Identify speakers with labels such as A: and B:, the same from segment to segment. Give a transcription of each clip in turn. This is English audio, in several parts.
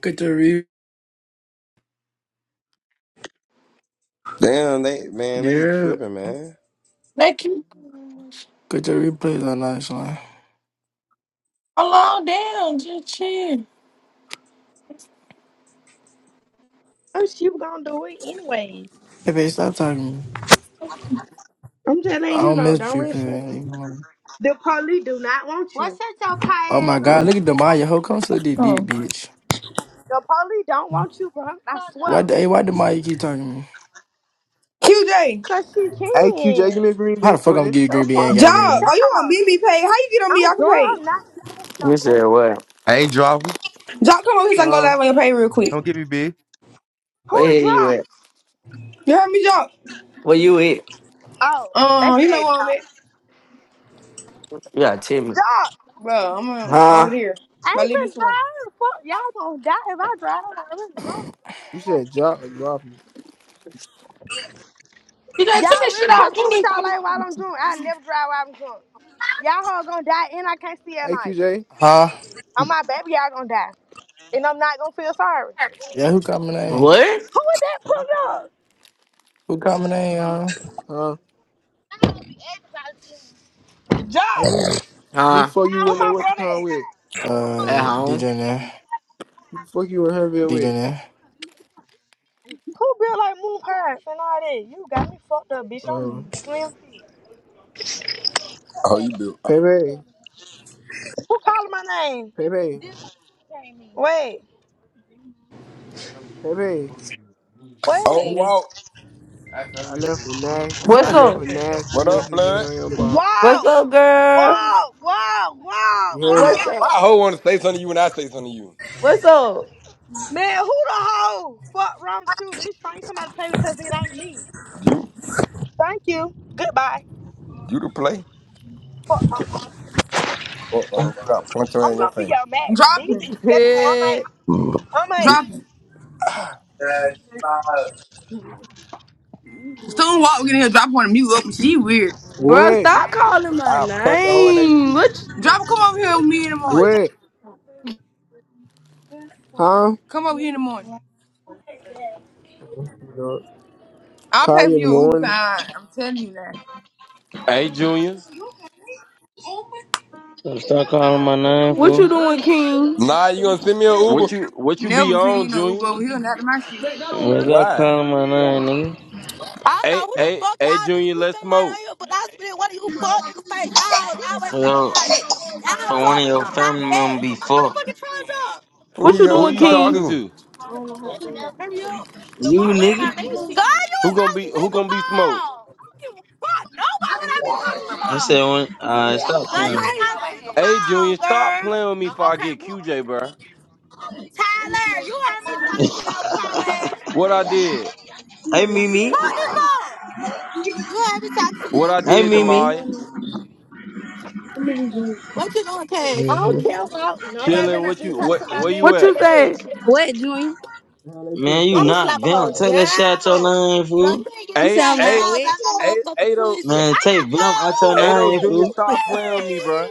A: Get the re
B: Damn, they man, they
A: yeah.
B: tripping, man.
C: They keep
A: Get the replays on that line.
C: alone down, just chill.
D: Oh, she was gonna do it anyways.
A: Hey babe, stop talking to me.
D: I'm just letting
A: I
D: you
A: don't
D: know,
A: miss
D: don't
A: you,
D: rush her.
A: babe.
D: The police do not want Why you. Well, shut your
A: Oh
D: car ass
A: my
D: up.
A: god, look at Demaya. Ho come slit this dick,
C: Oh.
A: bitch.
D: The police don't want you, bro. I Shut swear.
A: Why the hey, why Demaya keep talking to me?
E: QJ,
D: Cause she
F: Hey
D: can.
F: QJ, give me a green
A: How the
F: bean
A: fuck I'm gonna
F: twin.
A: get a
D: The
A: green bean? I ain't
D: fuck
A: got a
D: wrong
A: green
D: with
E: Jock,
A: bean.
E: are you on
D: y'all?
E: BB pay? How you get on
D: I'm
E: me? I can
D: drunk.
E: pay.
D: I'm not in the mood. You know,
G: You
D: bro.
G: say what?
H: I ain't driving.
E: Jock, come over here so I can go
F: Huh?
E: live on your pay real quick.
H: Come get me, bitch.
D: Who it
G: Where you
D: drop?
G: at?
E: You heard me, Jock?
G: Where you at?
D: Oh, they
E: Um, you know
D: said
E: where I'm
D: drop.
E: at?
G: You gotta tell me.
D: Drop.
E: Bro, I'm uh, over
G: Huh?
E: there.
D: I
E: My
D: ain't
E: leave this
D: finna
E: way.
D: drive. The fuck y'all gonna die if I drive. I'm already drunk.
F: You said drop or drop me.
C: You done took
D: Y'all
C: this shit
D: really
C: out.
D: trust me
C: You
D: with
C: need my
D: y'all like
C: mom.
D: while I'm drunk. I never drive while I'm drunk. Y'all hoes gonna die and I can't see at
F: Hey
D: night.
F: QJ,
A: Huh?
D: On my baby, y'all gonna die. And I'm not gonna feel sorry.
A: Yeah, who coming in?
G: What?
D: Who is that pulling up?
A: Who coming in, huh?
F: huh? Hey who
D: Josh,
F: the who the
G: Huh?
F: fuck you
D: where
F: in there
D: my
F: what you
D: brother
F: call
D: at?
F: with?
G: At
A: Uh DJ
G: home.
A: Nair.
F: Who the fuck you in Huntsville
A: DJ
F: with?
A: Nair.
D: Who built like moon pies and all that? You got me fucked up, bitch.
F: Um
D: I'm slim fit.
I: Oh, you built.
F: Pepe,
D: Who calling my name?
F: Pepe,
D: Wait,
F: Pepe.
I: Oh,
D: wait.
I: Walt.
F: I left a nasty I
J: What's
F: left
J: up?
F: a nasty
I: What up,
F: message in
I: blood?
F: your inbox.
J: What's
D: Wow,
J: up, girl?
D: wow, wow, wow,
F: You hear me?
I: Man,
J: What's
D: wow.
I: Why
J: up?
I: a hoe want to say something to you when I say something to you?
J: What's up?
D: Man, who the hoe? Fuck wrong with you, bitch. Find somebody to play with because it ain't me.
I: You?
D: Thank you. Goodbye.
I: You to play?
D: Fuck wrong with you.
I: Uh oh. I'll punch her
D: I'm
I: in your
D: gonna be
I: face.
D: your match.
E: Drop
D: These
E: him.
D: niggas gotta go. I'm
J: Hey,
D: ain't.
B: Mm.
D: I'm ain't.
E: Drop
I: Be-
E: him. Soon walk we in here, drop her on the mute up and she weird.
J: bro,
F: What?
J: stop calling my
I: I'll punch a hoe in that
J: name.
I: shit.
J: What you,
E: Drop her, come over here with me in the
D: Let me
E: morning.
F: What? Huh?
E: Come over here in the morning.
F: You know,
E: I'll
F: Call
E: pay
F: you
E: for
F: in the
E: your Uber
F: morning.
E: car. I'm telling you that.
K: So stop calling my name,
J: what
K: fool.
J: you doing, King?
I: Nah, you gonna send me an Uber?
B: What you what you be
E: Never seen you
B: on,
E: no Uber
B: Junior?
E: over here, not to my shit.
K: Man, Stop
I: Why?
K: calling my name,
L: I don't know
B: Hey,
L: who the
B: hey,
L: fuck
B: hey,
L: y'all niggas
B: Junior,
L: be
B: let's
L: feeling like on
B: smoke.
L: here, but I spit one of you fuck niggas face. Y'all
K: nigga.
L: always think y'all
K: Well,
L: that. Y'all
K: for one
L: fuck
K: of your
L: niggas not
K: family
L: that.
K: members
L: Who
K: be
L: my
K: fucked.
L: motherfucking trying up?
I: Who
J: What
B: Who
J: you
I: these
B: who
I: hoes
J: doing,
B: you
I: talking
J: King?
B: talking
I: to?
B: to?
K: You, nigga.
L: Girl, you
B: Who
L: is
B: gonna
L: on
B: be who gonna be smoked?
L: speakerphone. I don't give a fuck. Nobody but I be talking
K: I
L: about.
K: said, when, uh, stop
L: Girl, you
K: calling.
L: was on
B: Hey,
L: speakerphone,
B: Junior, stop
L: girl.
B: playing with me before I get QJ, bro.
L: Tyler, you heard me talk to your pro ass.
B: What I did,
K: Hey, Mimi.
L: Cut this up. You heard me talk to
B: what I
L: you.
K: Hey,
B: did to
K: Mimi.
B: Maya?
L: What you doing, Cash? I don't
F: Mm-hmm.
L: care about nobody better
B: Chilling.
L: not
B: What
L: be
B: you
L: talking
B: what
L: to my
B: where
L: man
B: you
J: What
L: to
J: you
B: at?
L: do it.
J: say?
F: What, Junior? How they
K: Man,
F: put
K: you
F: fat
L: I'ma
F: on the
K: not
L: slap a
F: shit
L: hoe
K: Vamp.
F: out.
K: Take that shit out
L: down.
K: your name,
L: Girl, you
K: fool.
L: ain't get no
F: You say
B: Hey,
F: I'm
L: damn
B: hey,
F: not
L: elbows
F: wet?
L: out my
B: hey,
L: motherfucking
B: Ado,
L: pussy.
K: Man,
L: How you
K: take Vamp
L: fuck?
K: out your
B: Ado,
K: name,
B: Junior,
K: fool.
B: stop playing with me, bro.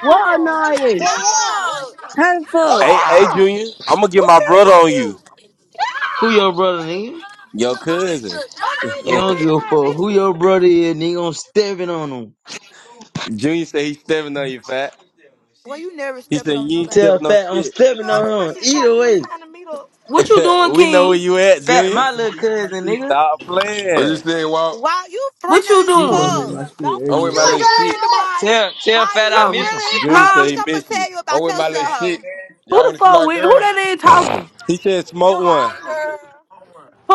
J: What annoyance?
L: Stop.
F: How the
L: Take
F: fuck?
B: Hey, hey, Junior, I'm gonna get my brother on you,
L: you.
K: Who your brother, nigga?
B: your cousin.
K: Nigga, don't give a fuck. Who your brother is, nigga? I'm stepping on him.
B: Junior said he's stepping on you, fat. He said you ain't
K: Tell
B: stepping on
K: Fat I'm
B: shit.
L: You
K: stepping
L: go to my
K: on him.
L: shit talk.
K: Either
L: You
K: way.
L: trying to meet up.
J: What you doing,
B: we know where
J: King?
B: you at,
K: Fat,
B: Junior.
K: my little
F: I
K: cousin,
F: think
K: nigga.
B: Stop
I: What you
B: playing.
I: said, Walt?
L: Wow, you
J: What you
L: friendly as
F: Food don't
J: doing?
F: make
L: fuck.
F: my
L: Don't
F: shit
I: I'm
L: fuck
I: with
L: with
I: my
F: eggy,
K: You
L: my
I: little shit.
L: friend, Demaya.
K: don't know. Tell, tell
L: Maya,
K: Fat I
L: you
J: Um,
K: miss him.
L: friendly as
B: Junior
L: fuck.
B: said
J: huh?
L: Bitch,
B: he
L: I'm going to
B: missed you.
L: tell you
I: I'm
L: about
I: with
L: yourself,
I: my little shit.
L: hoe.
J: Who
I: Y'all
J: the
I: wanna see
J: fuck
I: my
J: weird? Who
I: girl?
J: that is talking?
B: He said smoke one.
L: Demaya, girl.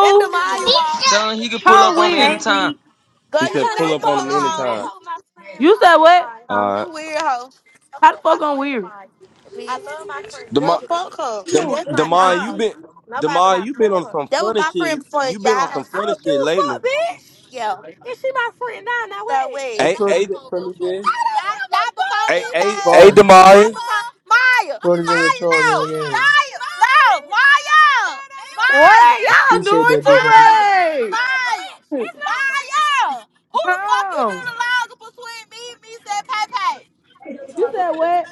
L: That Demaya
K: Tell him he can pull
J: How I'm
K: up on me
J: weird?
F: Hey,
K: anytime.
F: Lee.
L: Girl,
B: He said
L: you
B: pull
L: late
B: up
L: for
B: on him
L: all. Don't
B: anytime.
L: poke my friend,
J: You said what?
L: my
B: All right,
L: You weird hoe. I'm I
J: How
L: my
J: the
L: my
J: fuck I'm
L: friend, to
J: weird?
L: mine. I love my friend. Girl,
B: Demar,
L: fuck her. And
B: Dem-
L: that's my
B: Demar, you
L: dog.
B: been
L: Nobody been
B: Demar,
L: out
B: you
L: play
B: been
L: with
B: on
L: her.
B: some
L: That was
B: funny
L: my
B: shit.
L: friend before
B: You been on
L: y'all.
B: some
L: I
B: funny
L: don't give
B: shit
L: a
B: lately.
L: fuck, bitch. Yeah. Is she my friend now? Now what? No way.
F: Hey,
B: Hey,
F: Florida
B: hey,
F: Day, friendly day.
L: Not, not before me,
B: hey, hey,
L: baby.
B: hey,
F: Spar.
L: Not
B: Demar.
L: Maya.
F: Florida Day and
L: Maya,
F: Charles in
L: no.
F: the game.
L: Maya, no. Maya.
J: What
L: Maya.
F: I
J: y'all
F: appreciate
J: doing
F: that, big
L: Fire!
F: homie.
J: too much?
L: Fire! Fire! Who the fuck you knew
J: How?
L: the laws of between me and me said Pay Pay?
J: You said what?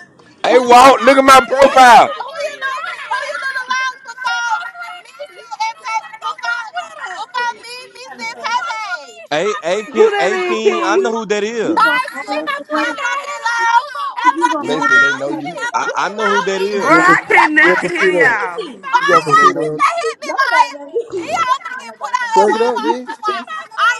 L: Who
I: Hey,
L: the fuck
I: Walt, look
L: you
I: at
L: knew?
I: my
L: who you
I: profile.
L: knew? who you know who you knew the laws before me said and Pay Who before me and me said Pay Pay?
B: Hey, hey,
J: Who
B: King,
J: that
B: hey,
J: is,
B: King. I know
J: King?
B: who that is.
L: Thank you. That fucking law. That
I: Well,
L: fucking
I: they said
L: law.
I: they know you.
L: That
B: I, I
L: fucking
B: know
L: law.
B: who that
J: Bro,
B: is.
F: You're a
J: I
F: you're a
J: cannot
L: It is.
J: hear
F: computer.
J: y'all.
F: You
L: Why
I: They
F: got a
I: said they
L: y'all
I: know
L: shit
F: computer on.
I: you.
L: that hit me, like, these y'all finna get put out at
F: Plug it up,
L: Walmart
F: man.
L: for my. All y'all, I ain't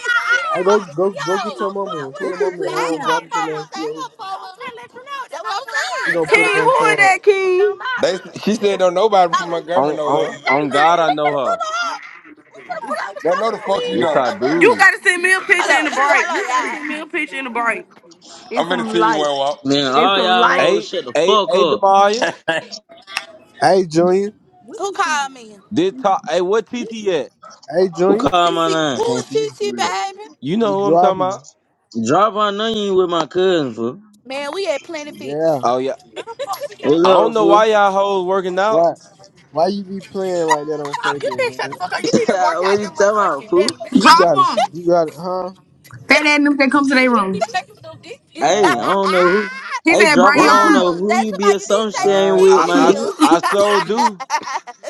F: I
L: gonna fuck
F: go
L: with
F: go go
L: y'all. They
F: get
L: ain't
F: your
L: gonna
F: mama
L: fuck
F: one. Tell
L: with
F: your
L: her.
F: mama to
L: They ain't
F: um, drop
L: gonna
F: it to
L: fuck with
F: them.
L: They ain't
F: You
L: gonna fuck with her. let you know. That's what I'm saying.
F: gonna
L: That's
F: put
L: what
F: it
J: King,
L: I'm
F: on
J: who
L: saying.
J: is
F: charge.
J: that, King?
I: They she
L: Let me
I: said
L: see.
I: don't
L: Oh,
I: nobody from
L: pull
B: On,
I: Montgomery
B: on,
I: know
B: on
I: her.
B: God, I know her.
L: up. Pull up. I'm
I: But no,
L: smoking
I: the
L: that
I: fuck
L: weed.
B: Yes,
L: Pull
I: don't.
B: I
L: up.
B: do.
J: You gotta send me a
L: Hold
J: picture
L: on.
J: in the
L: Let me,
J: break.
L: hold on,
J: You gotta
L: y'all.
J: send me a picture in the break. It's
I: I'm gonna
J: some
I: send you
J: light.
I: one, Walt.
K: Man,
J: It's
K: all
J: some
K: y'all
J: light.
K: hoes
B: Hey,
K: shut the
B: hey,
K: fuck
B: hey,
K: up.
B: Demaria.
F: Hey, Junior.
L: Who called me?
B: Did talk? Hey, what TT at?
F: Hey,
K: Who
F: Junior.
K: called
L: TT.
K: my
I: They
L: Who
K: name?
I: can't
L: is
I: see you for
L: TT,
I: real.
L: baby?
B: You
F: You
B: know who I'm
F: drop
B: talking about?
F: him.
K: Drop on onion with my cousin, fool.
L: Man, we at Planet
F: Yeah.
L: Fitness.
B: Oh yeah.
L: you can't
K: What's
B: I don't
K: up,
B: know
K: fool?
B: why y'all hoes working out.
F: Why? Why you be playing like that on Facebook,
L: shut the
F: man?
L: fuck up. You need to work out
K: what you
L: them
K: talking about,
L: motherfucking
K: fool?
L: belly.
F: You gotta.
E: Drop him.
F: You gotta. Huh?
E: Fat ass niggas that come to their room.
F: All
L: P.
K: Hey, I
F: right.
K: don't know who.
E: He
K: Hey,
E: said,
K: drop, I
E: bring
B: What
E: your
K: don't
E: crew.
L: Tyler,
K: know who
L: that's
K: you be
L: why you need to
F: All
L: take the
K: associating
F: right.
L: big
K: with,
B: I
K: my
B: I
K: nigga.
L: pills.
B: I so do.